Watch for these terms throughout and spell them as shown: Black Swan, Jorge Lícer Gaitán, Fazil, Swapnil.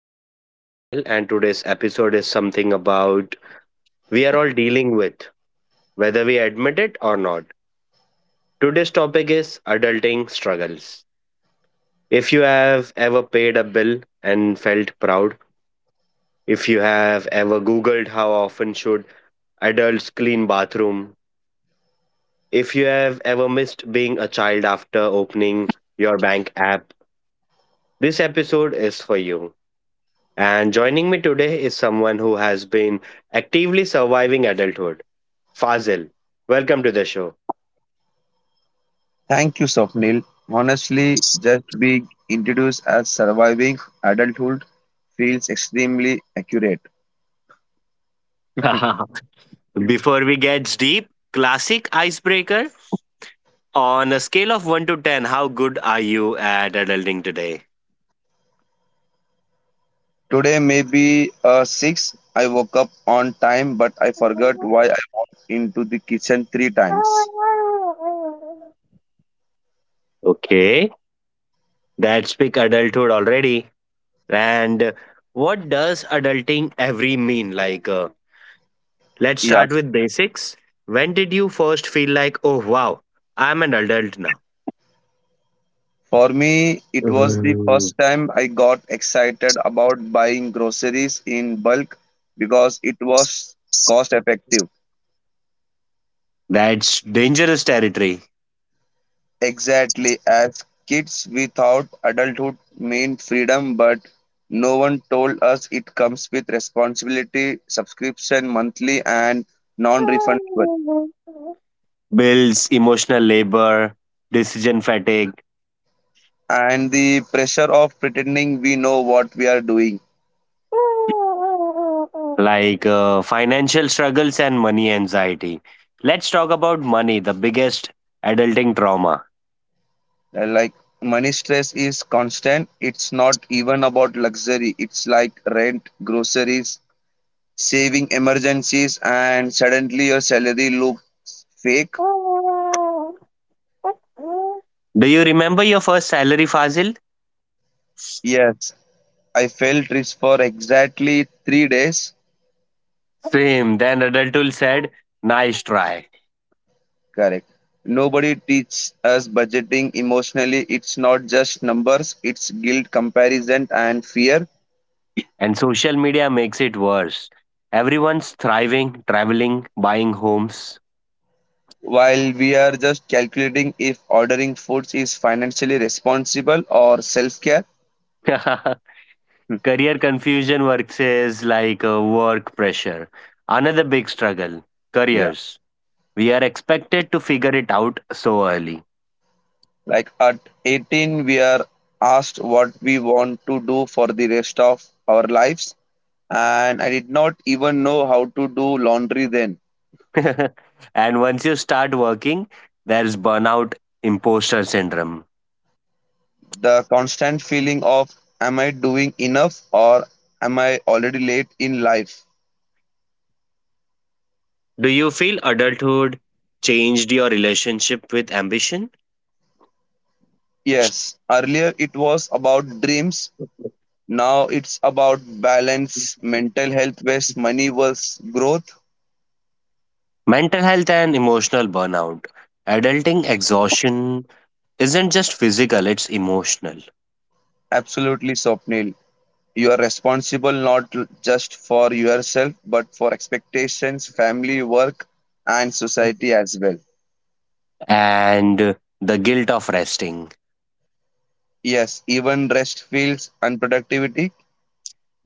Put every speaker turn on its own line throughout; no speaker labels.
Host, Swapnil, and today's episode is something about we are all dealing with, whether we admit it or not. Today's topic is adulting struggles. If you have ever paid a bill and felt proud, if you have ever Googled how often should adults clean bathroom, if you have ever missed being a child after opening your bank app, this episode is for you. And joining me today is someone who has been actively surviving adulthood, Fazil. Welcome to the show.
Thank you, Swapnil. Honestly, just being introduced as surviving adulthood feels extremely accurate.
Before we get deep, classic icebreaker. On a scale of 1 to 10, how good are you at adulting today?
Today may be 6. I woke up on time, but I forgot why I walked into the kitchen three times.
Okay, that's big adulthood already. And what does adulting every mean? Like, let's start
Yes.
with basics. When did you first feel like, oh wow, I'm an adult now?
For me, it was the
Mm.
first time I got excited about buying groceries in bulk because it was cost effective.
That's dangerous territory.
Exactly. As kids, we thought adulthood meant freedom, but no one told us it comes with responsibility, subscription, monthly, and non refundable.
Bills, emotional labor, decision fatigue,
And the pressure of pretending we know what we are doing.
like financial struggles and money anxiety. Let's talk about money, the biggest adulting trauma.
Like money stress is constant. It's not even about luxury, it's like rent, groceries, saving emergencies, and suddenly your salary looks fake.
Do you remember your first salary, Fazil?
Yes, I failed trips for exactly three days.
Same. Then adulthood said, nice try.
Correct. Nobody teaches us budgeting emotionally. It's not just numbers, it's guilt, comparison, and fear.
And social media makes it worse. Everyone's thriving, traveling, buying homes.
While we are just calculating if ordering foods is financially responsible or self care.
Career confusion versus like work pressure. Another big struggle
Yeah.
careers. We are expected to figure it out so early.
Like at 18, we are asked what we want to do for the rest of our lives. And I did not even know how to do laundry then.
And once you start working, there's burnout imposter syndrome.
The constant feeling of am I doing enough or am I already late in life?
Do you feel adulthood changed your relationship with ambition?
Yes, earlier it was about dreams. Now it's about balance, mental health based money versus growth.
Mental health and emotional burnout. Adulting exhaustion isn't just physical, it's emotional.
Absolutely, Swapnil. You are responsible not l- just for yourself but for expectations, family, work, and society as well.
And the guilt of resting.
Yes, even rest feels unproductivity.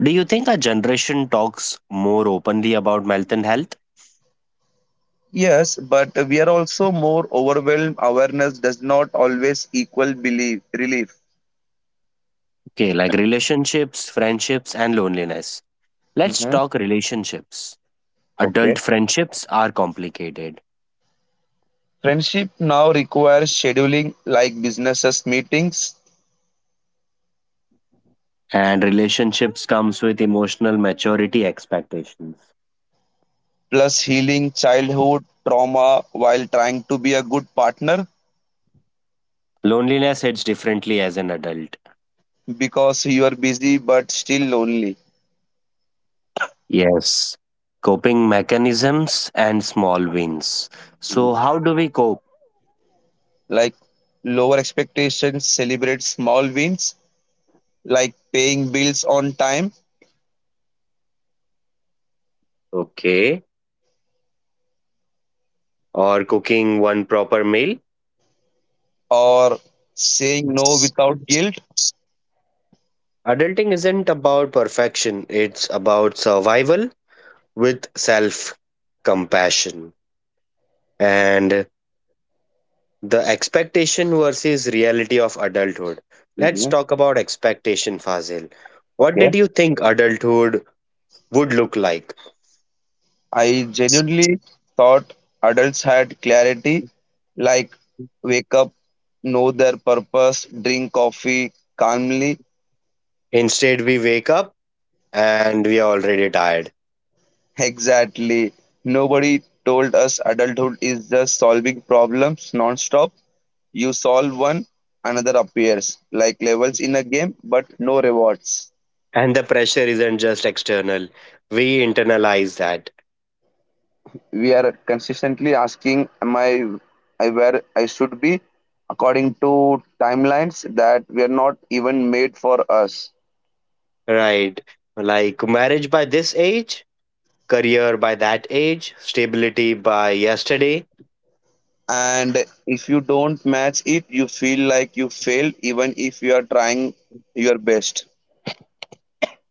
Do you think our generation talks more openly about mental health?
Yes, but we are also more overwhelmed. Awareness does not always equal belief relief.
Okay, like relationships, friendships, and loneliness. Let's
Hmm.
talk relationships. Adult
Okay.
friendships are complicated,
Friendship now requires scheduling like businesses meetings,
and relationships comes with emotional maturity expectations.
plus healing childhood trauma while trying to be a good partner
Loneliness hits differently as an adult.
because you are busy but still lonely.
Yes, coping mechanisms and small wins. So,
Mhm.
how do we cope?
Like lower expectations, celebrate small wins like paying bills on time
Okay, or cooking one proper meal?
or saying no without guilt.
Adulting isn't about perfection, it's about survival with self compassion and the expectation versus reality of adulthood. Let's talk about expectation, Fazil. What did you think adulthood would look like?
I genuinely thought adults had clarity, like wake up, know their purpose, drink coffee calmly.
Instead, we wake up and we are already tired.
Exactly. Nobody told us adulthood is just solving problems non-stop. You solve one, another appears, like levels in a game, but no rewards.
And the pressure isn't just external. We internalize that,
We are consistently asking, am I where I should be, according to timelines that were not even made for us.
right? Like marriage by this age, career by that age, stability by yesterday.
And if you don't match it, you feel like you failed even if you are trying your best.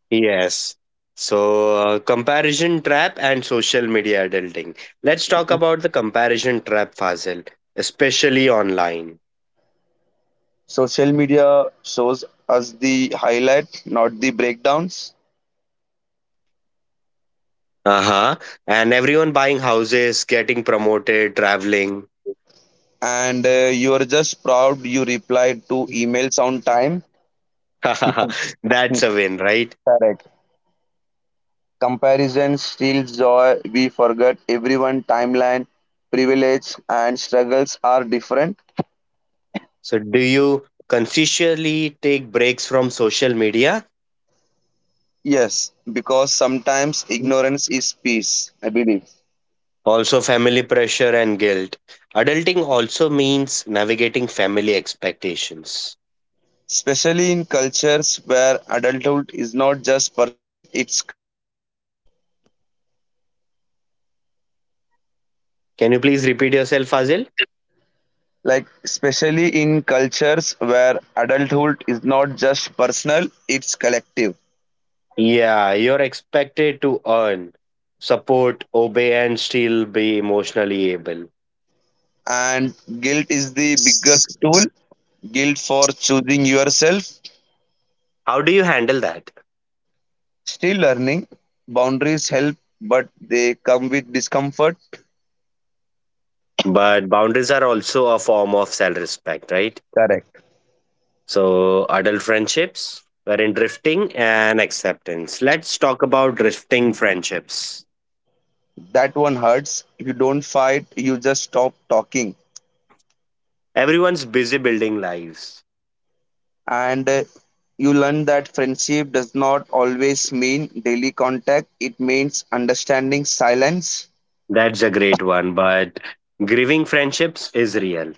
Yes. So, comparison trap and social media adulting. Let's talk about the comparison trap, Fazil, especially online.
Social media shows us the highlight, not the breakdowns.
Uh huh. And everyone buying houses, getting promoted, traveling.
And you are just proud you replied to emails on time.
That's
Hmm,
a win, right?
correct. Comparison steals joy. We forget everyone timeline, privilege and struggles are different.
So, do you consciously take breaks from social media?
Yes, because sometimes ignorance is peace, I believe.
Also, family pressure and guilt. Adulting also means navigating family expectations.
Especially in cultures where adulthood is not just personal, it's collective.
Can you please repeat yourself, Fazil?
Like, especially in cultures where adulthood is not just personal, it's collective.
Yeah, you're expected to earn, support, obey, and still be emotionally able.
And guilt is the biggest tool, guilt for choosing yourself.
How do you handle that?
Still learning, boundaries help, but they come with discomfort.
But boundaries are also a form of self respect, right?
Correct.
So, adult friendships, wherein drifting and acceptance. Let's talk about drifting friendships.
That one hurts. You don't fight, you just stop talking.
Everyone's busy building lives.
And you learn that friendship does not always mean daily contact, it means understanding silence.
That's a great one, but grieving friendships is real.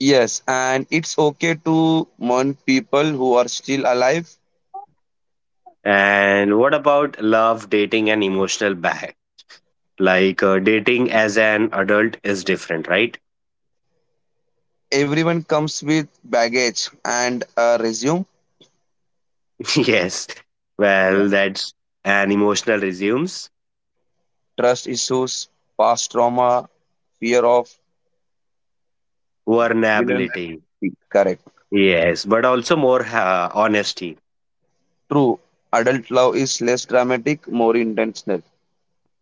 Yes, and it's okay to mourn people who are still alive.
And what about love, dating, and emotional back? Like dating as an adult is different, right?
Everyone comes with baggage and a resume.
Yes.
Yeah.
Well, that's an emotional resumes.
Trust issues, past trauma, fear of
Vulnerability.
vulnerability, correct.
Yes, but also more honesty.
True. Adult love is less dramatic, more intentional.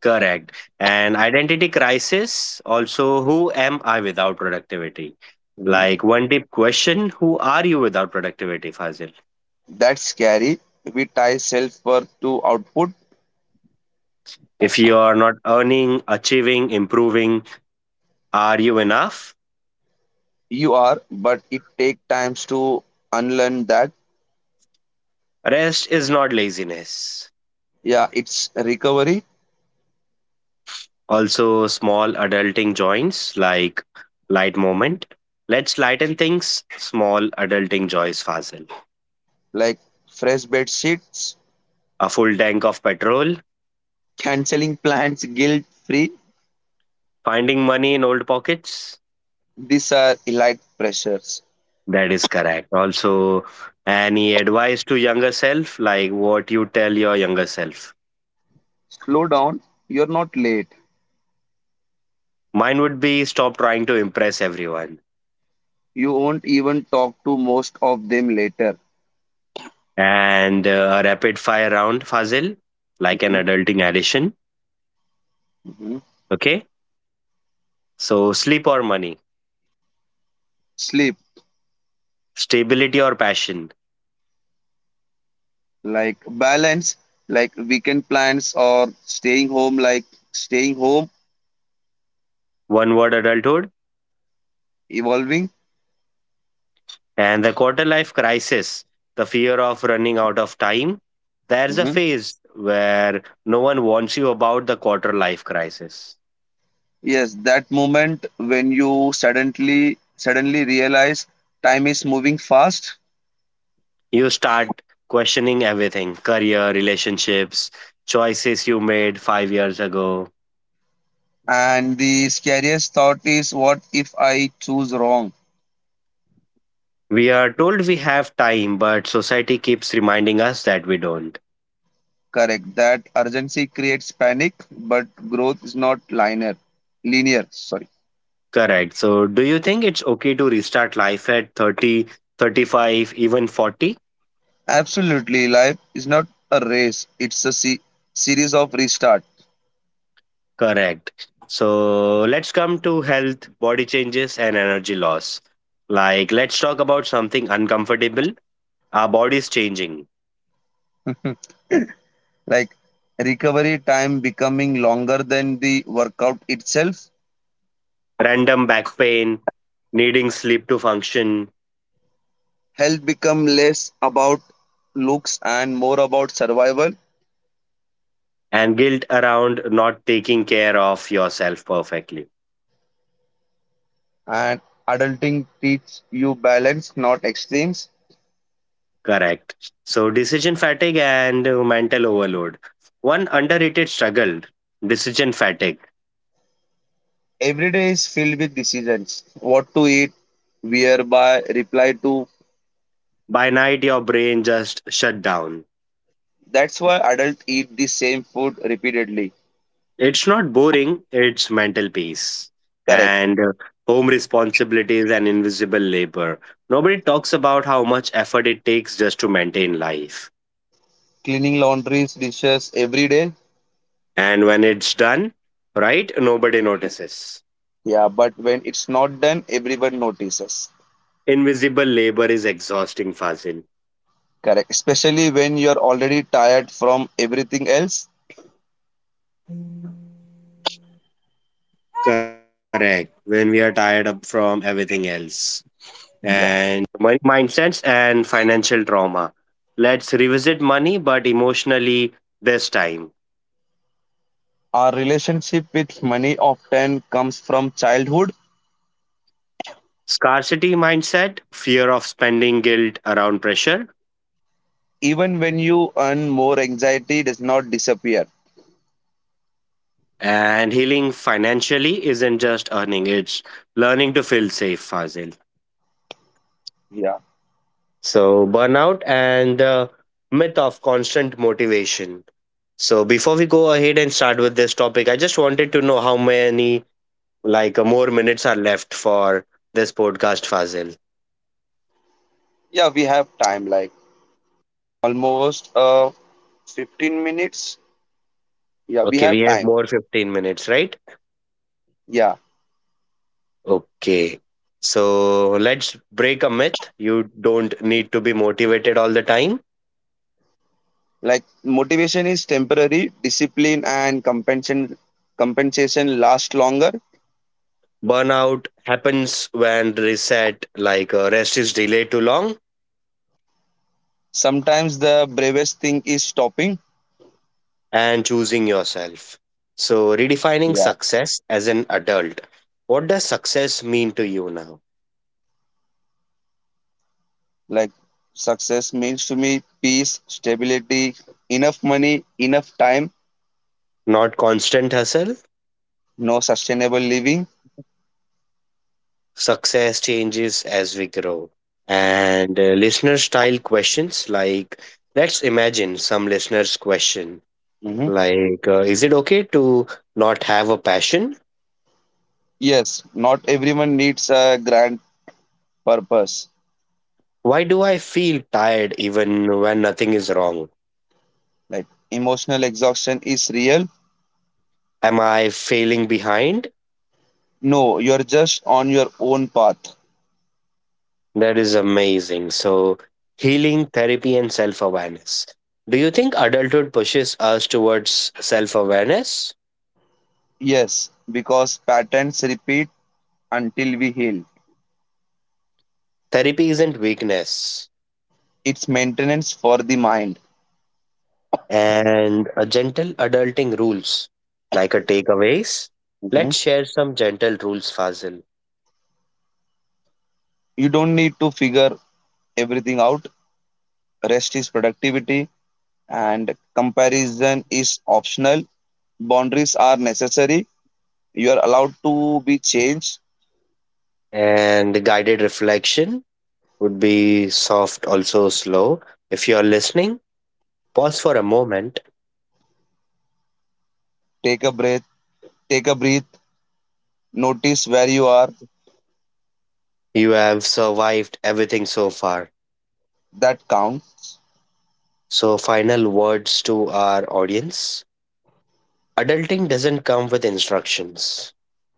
Correct. And identity crisis also who am I without productivity?
Hmm.
Like one deep question who are you without productivity, Fazil?
That's scary. We tie self worth to output.
If you are not earning, achieving, improving, are you enough?
You are, but it take times to unlearn that.
Rest is not laziness.
Yeah, it's recovery.
Also, small adulting joints like light moment. Let's lighten things. Small adulting joys, Fazil.
Like fresh bed sheets,
A full tank of petrol,
canceling plans guilt free,
finding money in old pockets.
these are elite pressures.
That is correct. Also, any advice to younger self, like what you tell your younger self?
Slow down, you're not late.
Mine would be stop trying to impress everyone.
You won't even talk to most of them later.
And a rapid fire round, Fazil, like an
Mhm,
adulting addition.
mhm.
Okay. So, sleep or money,
Sleep.
stability or passion,
Like balance. Like weekend plans or staying home, like staying home.
one word adulthood,
Evolving.
and the quarter life crisis, the fear of running out of time. There's a phase where no one wants you about the quarter life crisis.
Yes, that moment when you suddenly realize time is moving fast,
You start questioning everything career, relationships, choices you made 5 years ago.
and the scariest thought is, what if I choose wrong?
We are told we have time, but society keeps reminding us that we don't.
Correct. That urgency creates panic, but growth is not linear. Linear, sorry.
Correct. So, do you think it's okay to restart life at 30, 35, even 40?
Absolutely, life is not a race. It's a series of restart.
Correct. So, let's come to health, body changes, and energy loss. Like, let's talk about something uncomfortable. Our body's changing.
Like recovery time becoming longer than the workout itself.
Random back pain, needing sleep to function,
Health become less about looks and more about survival.
and guilt around not taking care of yourself perfectly.
And adulting teaches you balance, not extremes.
Correct. So, decision fatigue and mental overload. One underrated struggle decision fatigue.
Every day is filled with decisions: what to eat, where buy, reply to.
By night, your brain just shut down.
That's why adults eat the same food repeatedly.
It's not boring, it's mental peace.
Correct.
And home responsibilities and invisible labor. Nobody talks about how much effort it takes just to maintain life.
Cleaning laundries, dishes every day.
And when it's done, right, nobody notices.
Yeah, but when it's not done, everyone notices.
Invisible labor is exhausting, Fazil.
Correct, especially when you're already tired from everything else. Yeah.
Let's revisit money, but emotionally this time.
Our relationship with money often comes from childhood.
Scarcity mindset, fear of spending guilt around pressure,
Even when you earn more, anxiety does not disappear.
and healing financially isn't just earning, it's learning to feel safe, Fazil.
Yeah.
So, burnout and the myth of constant motivation. So, before we go ahead and start with this topic, I just wanted to know how many, like, more minutes are left for this podcast, Fazil.
Yeah, we have time, like almost 15 minutes. Yeah, we
Okay, we
have
have
time.
more 15 minutes, right?
Yeah.
Okay. So let's break a myth. You don't need to be motivated all the time.
Like motivation is temporary, discipline and compensation last longer.
Burnout happens when reset, like rest is delayed too long,
Sometimes the bravest thing is stopping.
and choosing yourself. So, redefining
Yeah.
success as an adult. What does success mean to you now?
Like success means to me peace, stability, enough money, enough time,
Not constant hustle.
no sustainable living.
Success changes as we grow. And listener style questions like let's imagine some listeners' question.
Mm-hmm.
Like, is it okay to not have a passion?
Yes, not everyone needs a grand purpose.
Why do I feel tired even when nothing is wrong?
Like emotional exhaustion is real.
Am I failing behind?
No, you're just on your own path.
That is amazing. So, healing, therapy, and self awareness. Do you think adulthood pushes us towards self awareness?
Yes, because patterns repeat until we heal.
Therapy isn't weakness.
It's maintenance for the mind.
And a gentle adulting rules, like a takeaways.
Mm-hmm.
Let's share some gentle rules, Fazil,
You don't need to figure everything out. Rest is productivity and comparison is optional. Boundaries are necessary. You are allowed to be changed.
and guided reflection would be soft, also slow. If you're listening, pause for a moment.
Take a breath, take a breath. Notice where you are.
You have survived everything so far.
That counts.
So, final words to our audience. Adulting doesn't come with instructions,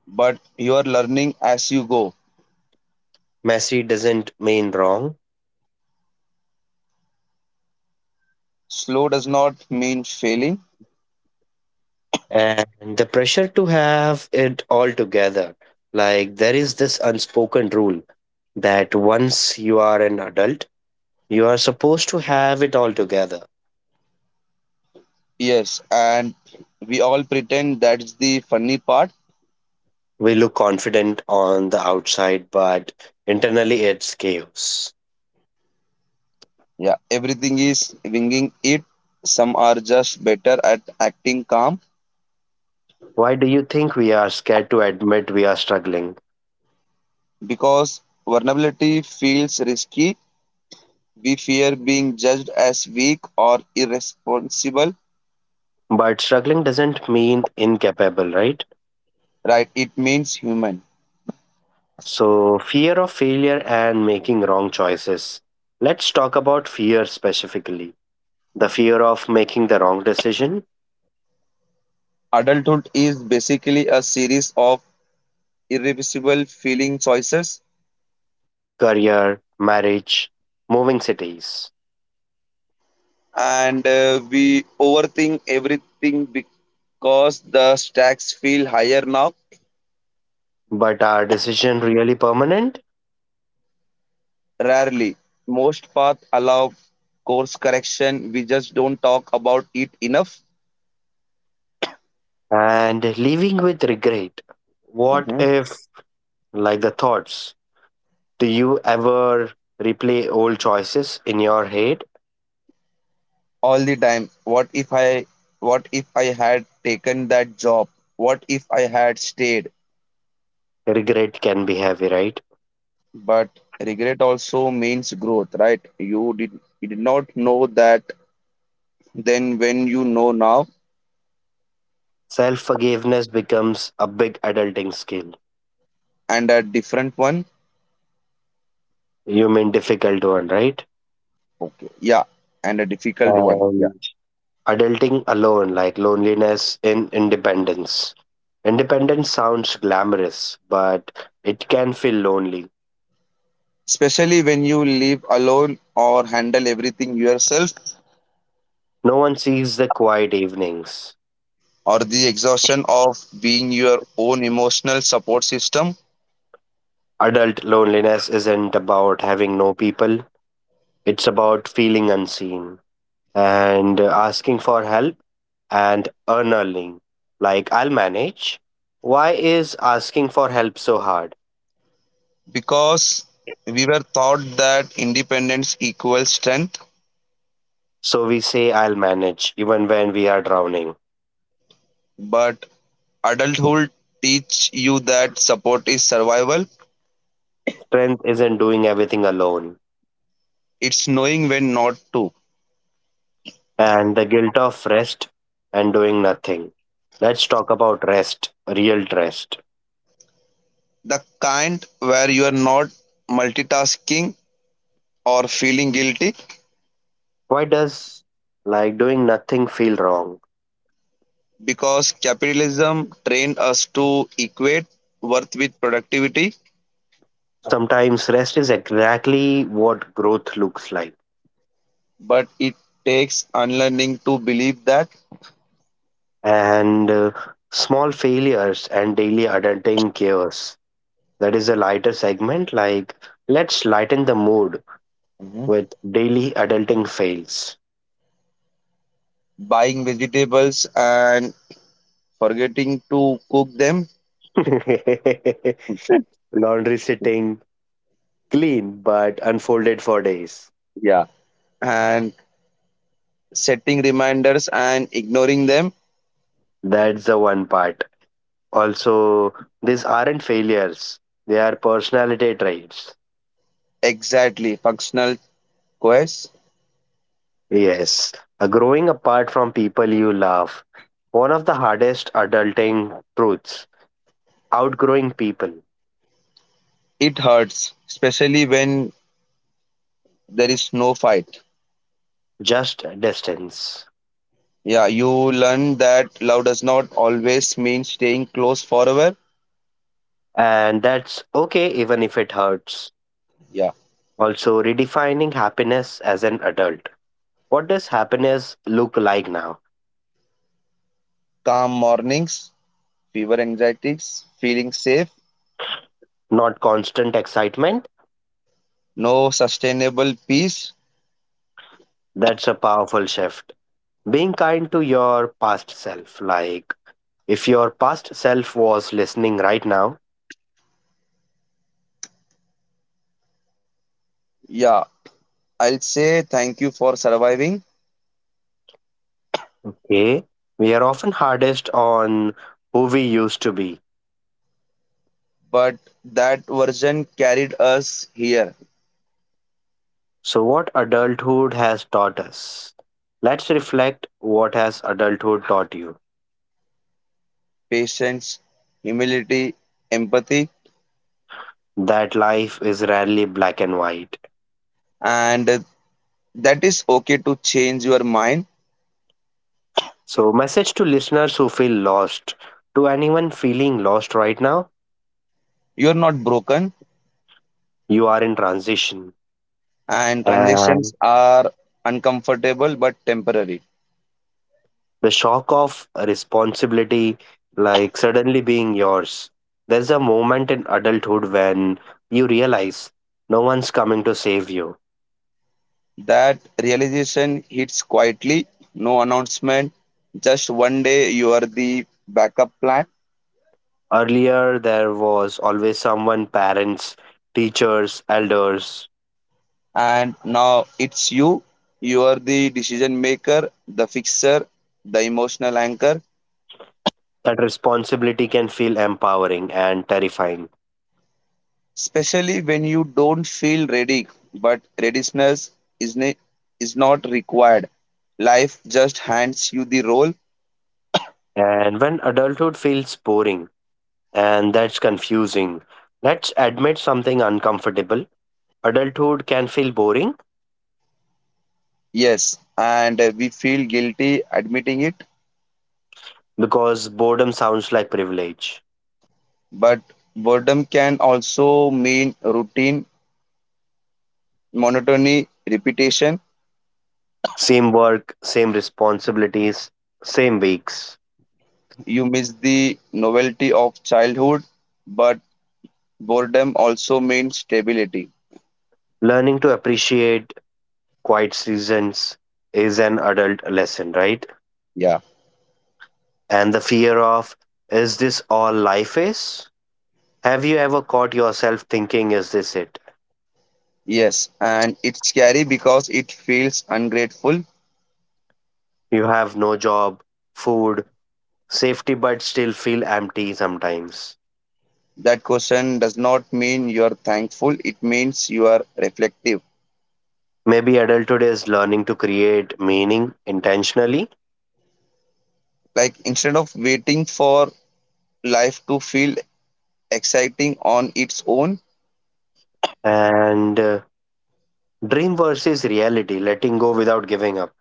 But you are learning as you go.
messy doesn't mean wrong,
Slow does not mean failing.
and the pressure to have it all together. Like, there is this unspoken rule that once you are an adult, you are supposed to have it all together.
Yes, and we all pretend, that's the funny part.
We look confident on the outside, but internally it's chaos.
Yeah, everything is winging it. Some are just better at acting calm.
Why do you think we are scared to admit we are struggling?
Because vulnerability feels risky, we fear being judged as weak or irresponsible.
But struggling doesn't mean incapable, right?
Right, it means human.
So, fear of failure and making wrong choices. Let's talk about fear specifically the fear of making the wrong decision,
Adulthood is basically a series of irreversible feeling choices.
career, marriage, moving cities.
And we overthink everything because the stacks feel higher now.
But are decision really permanent?
Rarely. Most paths allow course correction, we just don't talk about it enough.
And living with regret. What
Mhm.
if like the thoughts. Do you ever replay old choices in your head?
All the time. What if I, what if I had taken that job, what if I had stayed.
Regret can be heavy, right?
But regret also means growth, right? You did, you did not know that then, when you know now.
Self forgiveness becomes a big adulting skill.
And a different one.
You mean difficult one, right?
Okay, yeah, and a difficult one, yeah.
And adulting alone, like loneliness in independence. Independence sounds glamorous, but it can feel lonely.
Especially when you live alone or handle everything yourself.
No one sees the quiet evenings.
Or the exhaustion of being your own emotional support system.
Adult loneliness isn't about having no people, it's about feeling unseen, and asking for help and earning, like I'll manage. Why is asking for help so hard?
Because we were taught that independence equals strength.
So we say I'll manage even when we are drowning.
But adulthood teach you that support is survival.
Strength isn't doing everything alone.
It's knowing when not to.
And the guilt of rest and doing nothing. Let's talk about rest, real rest.
The kind where you are not multitasking or feeling guilty.
Why does, like, doing nothing feel wrong?
Because capitalism trained us to equate worth with productivity,
Sometimes rest is exactly what growth looks like.
but it takes unlearning to believe that.
And small failures and daily adulting chaos. That is a lighter segment, like let's lighten the mood with daily adulting fails.
Buying vegetables and forgetting to cook them.
Laundry sitting clean but unfolded for days.
Yeah. And setting reminders and ignoring them.
That's the one part. Also, these aren't failures, they are personality traits.
Exactly, functional quest.
Yes, a growing apart from people you love. One of the hardest adulting truths outgrowing people,
It hurts, especially when there is no fight.
just distance.
Yeah, you learn that love does not always mean staying close forever.
And that's okay even if it hurts.
Yeah.
Also, redefining happiness as an adult. What does happiness look like now?
Calm mornings, fever anxieties, feeling safe,
Not constant excitement?
no sustainable peace.
That's a powerful shift. Being kind to your past self. Like, if your past self was listening right now,
Yeah, I'll say thank you for surviving,
okay, we are often hardest on who we used to be.
but that version carried us here.
So, what adulthood has taught us? Let's reflect what has adulthood taught you?
Patience, humility, empathy,
That life is rarely black and white.
and that is okay to change your mind.
So, message to listeners who feel lost. To anyone feeling lost right now,
You're not broken,
you are in transition.
and transactions
And
are uncomfortable but temporary.
the shock of responsibility, like suddenly being yours. There's a moment in adulthood when you realize no one's coming to save you.
That realization hits quietly, no announcement, just one day you are the backup plan,
Earlier, there was always someone parents, teachers, elders.
and now it's you. You are the decision maker, the fixer, the emotional anchor,
That responsibility can feel empowering and terrifying.
especially when you don't feel ready, but readiness is, ne- is not required. Life just hands you the role.
And when adulthood feels boring, and that's confusing, let's admit something uncomfortable. Adulthood can feel boring
Yes, and we feel guilty admitting it,
because boredom sounds like privilege.
but boredom can also mean routine, monotony, repetition.
Same work, same responsibilities, same weeks.
You miss the novelty of childhood, but boredom also means stability.
Learning to appreciate quiet seasons is an adult lesson, right?
Yeah.
And the fear of, is this all life is? Have you ever caught yourself thinking, is this it?
Yes. And it's scary because it feels ungrateful.
You have no job, food, safety, but still feel empty sometimes.
That question does not mean you are thankful, it means you are reflective.
Maybe adulthood is learning to create meaning intentionally
Like instead of waiting for life to feel exciting on its own,
and dream versus reality, letting go without giving up.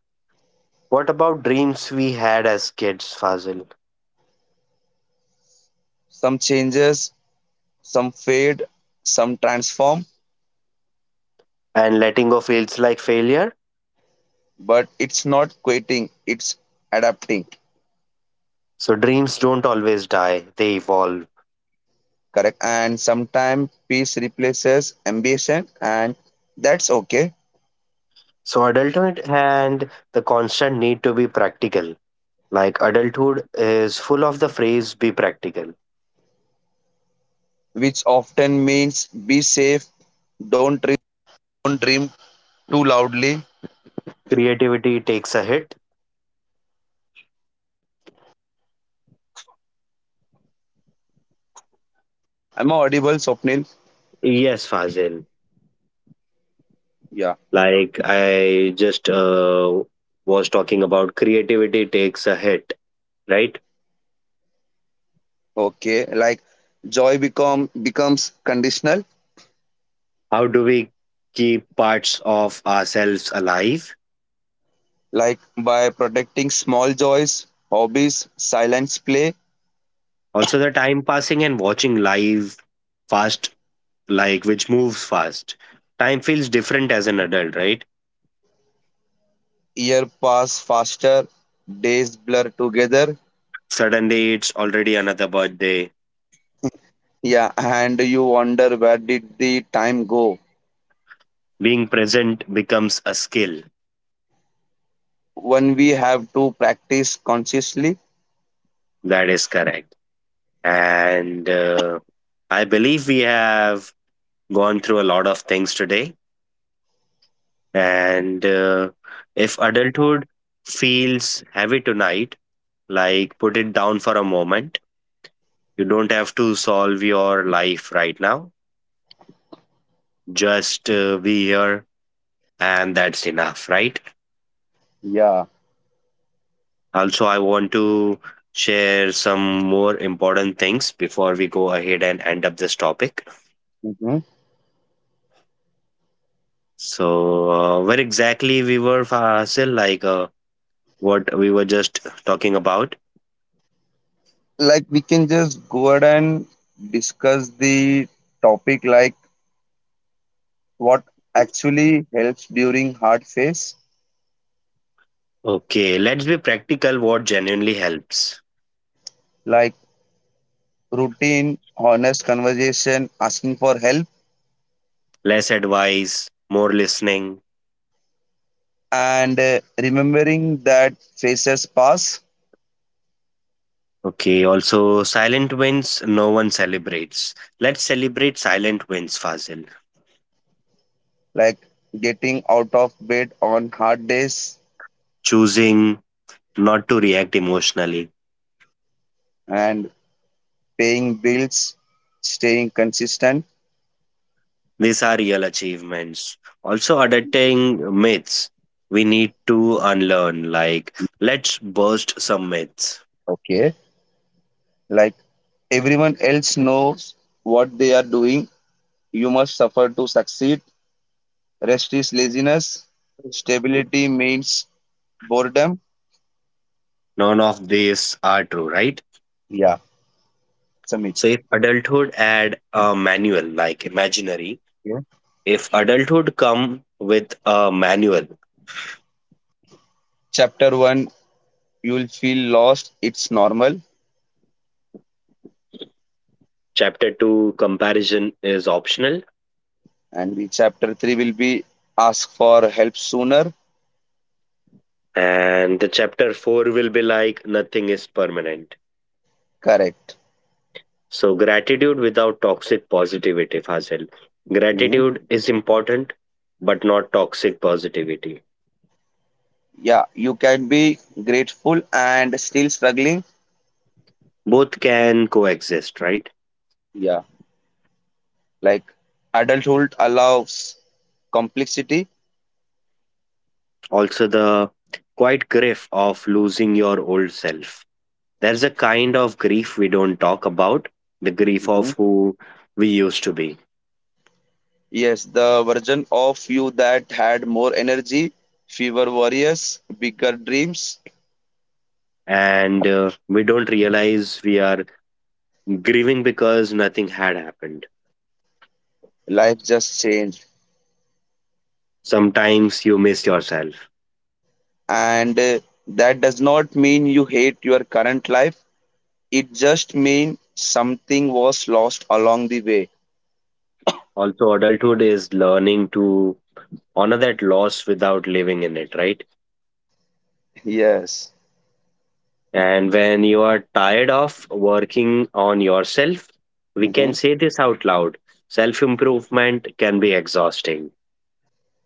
What about dreams we had as kids, Fazil?
some changes, some fade, some transform,
And letting go feels like failure?
but it's not quitting, it's adapting.
So dreams don't always die, they evolve.
Correct, and sometimes peace replaces ambition, and that's okay.
So, adulthood and the constant need to be practical. Like, adulthood is full of the phrase be practical.
Which often means be safe, don't.
Creativity takes a hit. Yes, Fazil.
Yeah.
Like, I just was talking about creativity takes a hit, right?
Okay. Like joy becomes conditional,
How do we keep parts of ourselves alive?
like by protecting small joys, hobbies, silence play,
Also, the time passing and watching live fast, like, which moves fast. Time feels different as an adult, right?
year pass faster, days blur together.
Suddenly, it's already another birthday.
Yeah, and you wonder, where did the time go?
Being present becomes a skill.
When we have to practice consciously.
That is correct. And I believe we have gone through a lot of things today. And if adulthood feels heavy tonight, like put it down for a moment. You don't have to solve your life right now. Just be here, and that's enough, right?
Yeah.
Also, I want to share some more important things before we go ahead and end up this topic.
Mhm.
So, where exactly we were, Fasil, like what we were just talking about.
Like we can just go ahead and discuss the topic, like what actually helps during hard phase.
Okay, let's be practical. What genuinely helps?
Like routine, honest conversation, asking for help,
Less advice, more listening.
and remembering that phases pass,
Okay, also silent wins, no one celebrates. Let's celebrate silent wins, Fazil.
like getting out of bed on hard days
Choosing not to react emotionally.
and paying bills, staying consistent.
These are real achievements. Also, adapting myths we need to unlearn. Like,
Mhm.
let's burst some myths.
Okay. Like everyone else knows what they are doing. You must suffer to succeed. Rest is laziness. Stability means boredom.
None of these are true, right?
Yeah, it's a myth.
So, if adulthood had a manual, like imaginary,
Okay.
if adulthood come with a manual,
Chapter 1, you will feel lost, it's normal.
chapter two comparison is optional,
And the chapter 3 will be, ask for help sooner.
and the chapter four will be like nothing is permanent.
Correct.
So, gratitude without toxic positivity, Fazil.
Mhm.
Gratitude is important, but not toxic positivity.
Yeah, you can be grateful and still struggling.
Both can coexist, right?
Yeah, like adulthood allows complexity.
Also, the quite grief of losing your old self. There's a kind of grief we don't talk about, the grief
Mhm.
of who we used to be.
Yes, the version of you that had more energy, fewer worries, bigger dreams.
And we don't realize we are grieving because nothing had happened.
Life just changed.
Sometimes you miss yourself.
And That does not mean you hate your current life. It just means something was lost along the way.
Also, adulthood is learning to honor that loss without living in it, right?
Yes.
And when you are tired of working on yourself, we
Mm-hmm.
can say this out loud. Self improvement can be exhausting.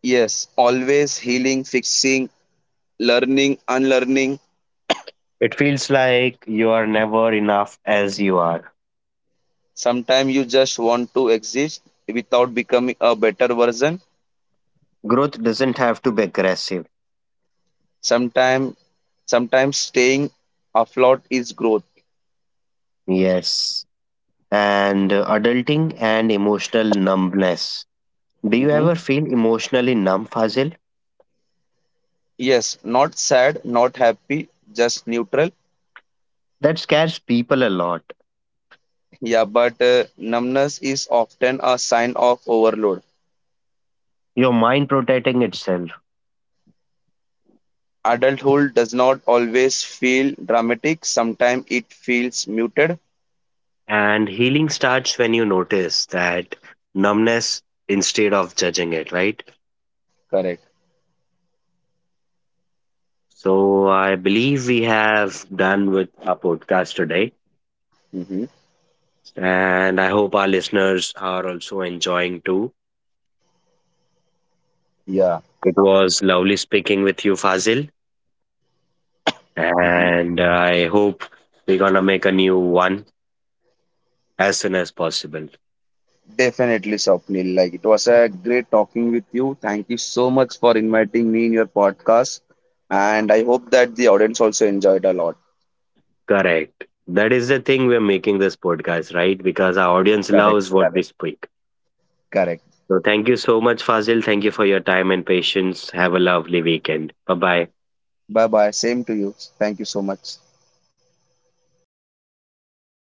Yes, always healing, fixing, learning, unlearning.
It feels like you are never enough as you are.
Sometimes you just want to exist without becoming a better version.
Growth doesn't have to be aggressive.
Sometimes, sometimes, staying afloat is growth.
Yes. And adulting and emotional numbness. Do you
Mm-hmm.
ever feel emotionally numb, Fazil?
Yes, not sad, not happy, just neutral.
That scares people a lot.
Yeah, but numbness is often a sign of overload.
Your mind protecting itself.
Adulthood does not always feel dramatic. Sometimes it feels muted.
And healing starts when you notice that numbness instead of judging it, right?
Correct.
So I believe we have done with our podcast today.
Hmm.
And I hope our listeners are also enjoying too.
Yeah.
It was lovely speaking with you, Fazil.
Hmm.
And I hope we're going to make a new one as soon as possible.
Definitely, Swapnil. Like it was a great talking with you. Thank you so much for inviting me in your podcast, and I hope that the audience also enjoyed a lot.
Correct. That is the thing we're making this podcast, right? Because our audience
Correct.
loves what we speak.
Correct.
So thank you so much, Fazil. Thank you for your time and patience. Have a lovely weekend. Bye bye.
Bye bye. Same to you. Thank you so much.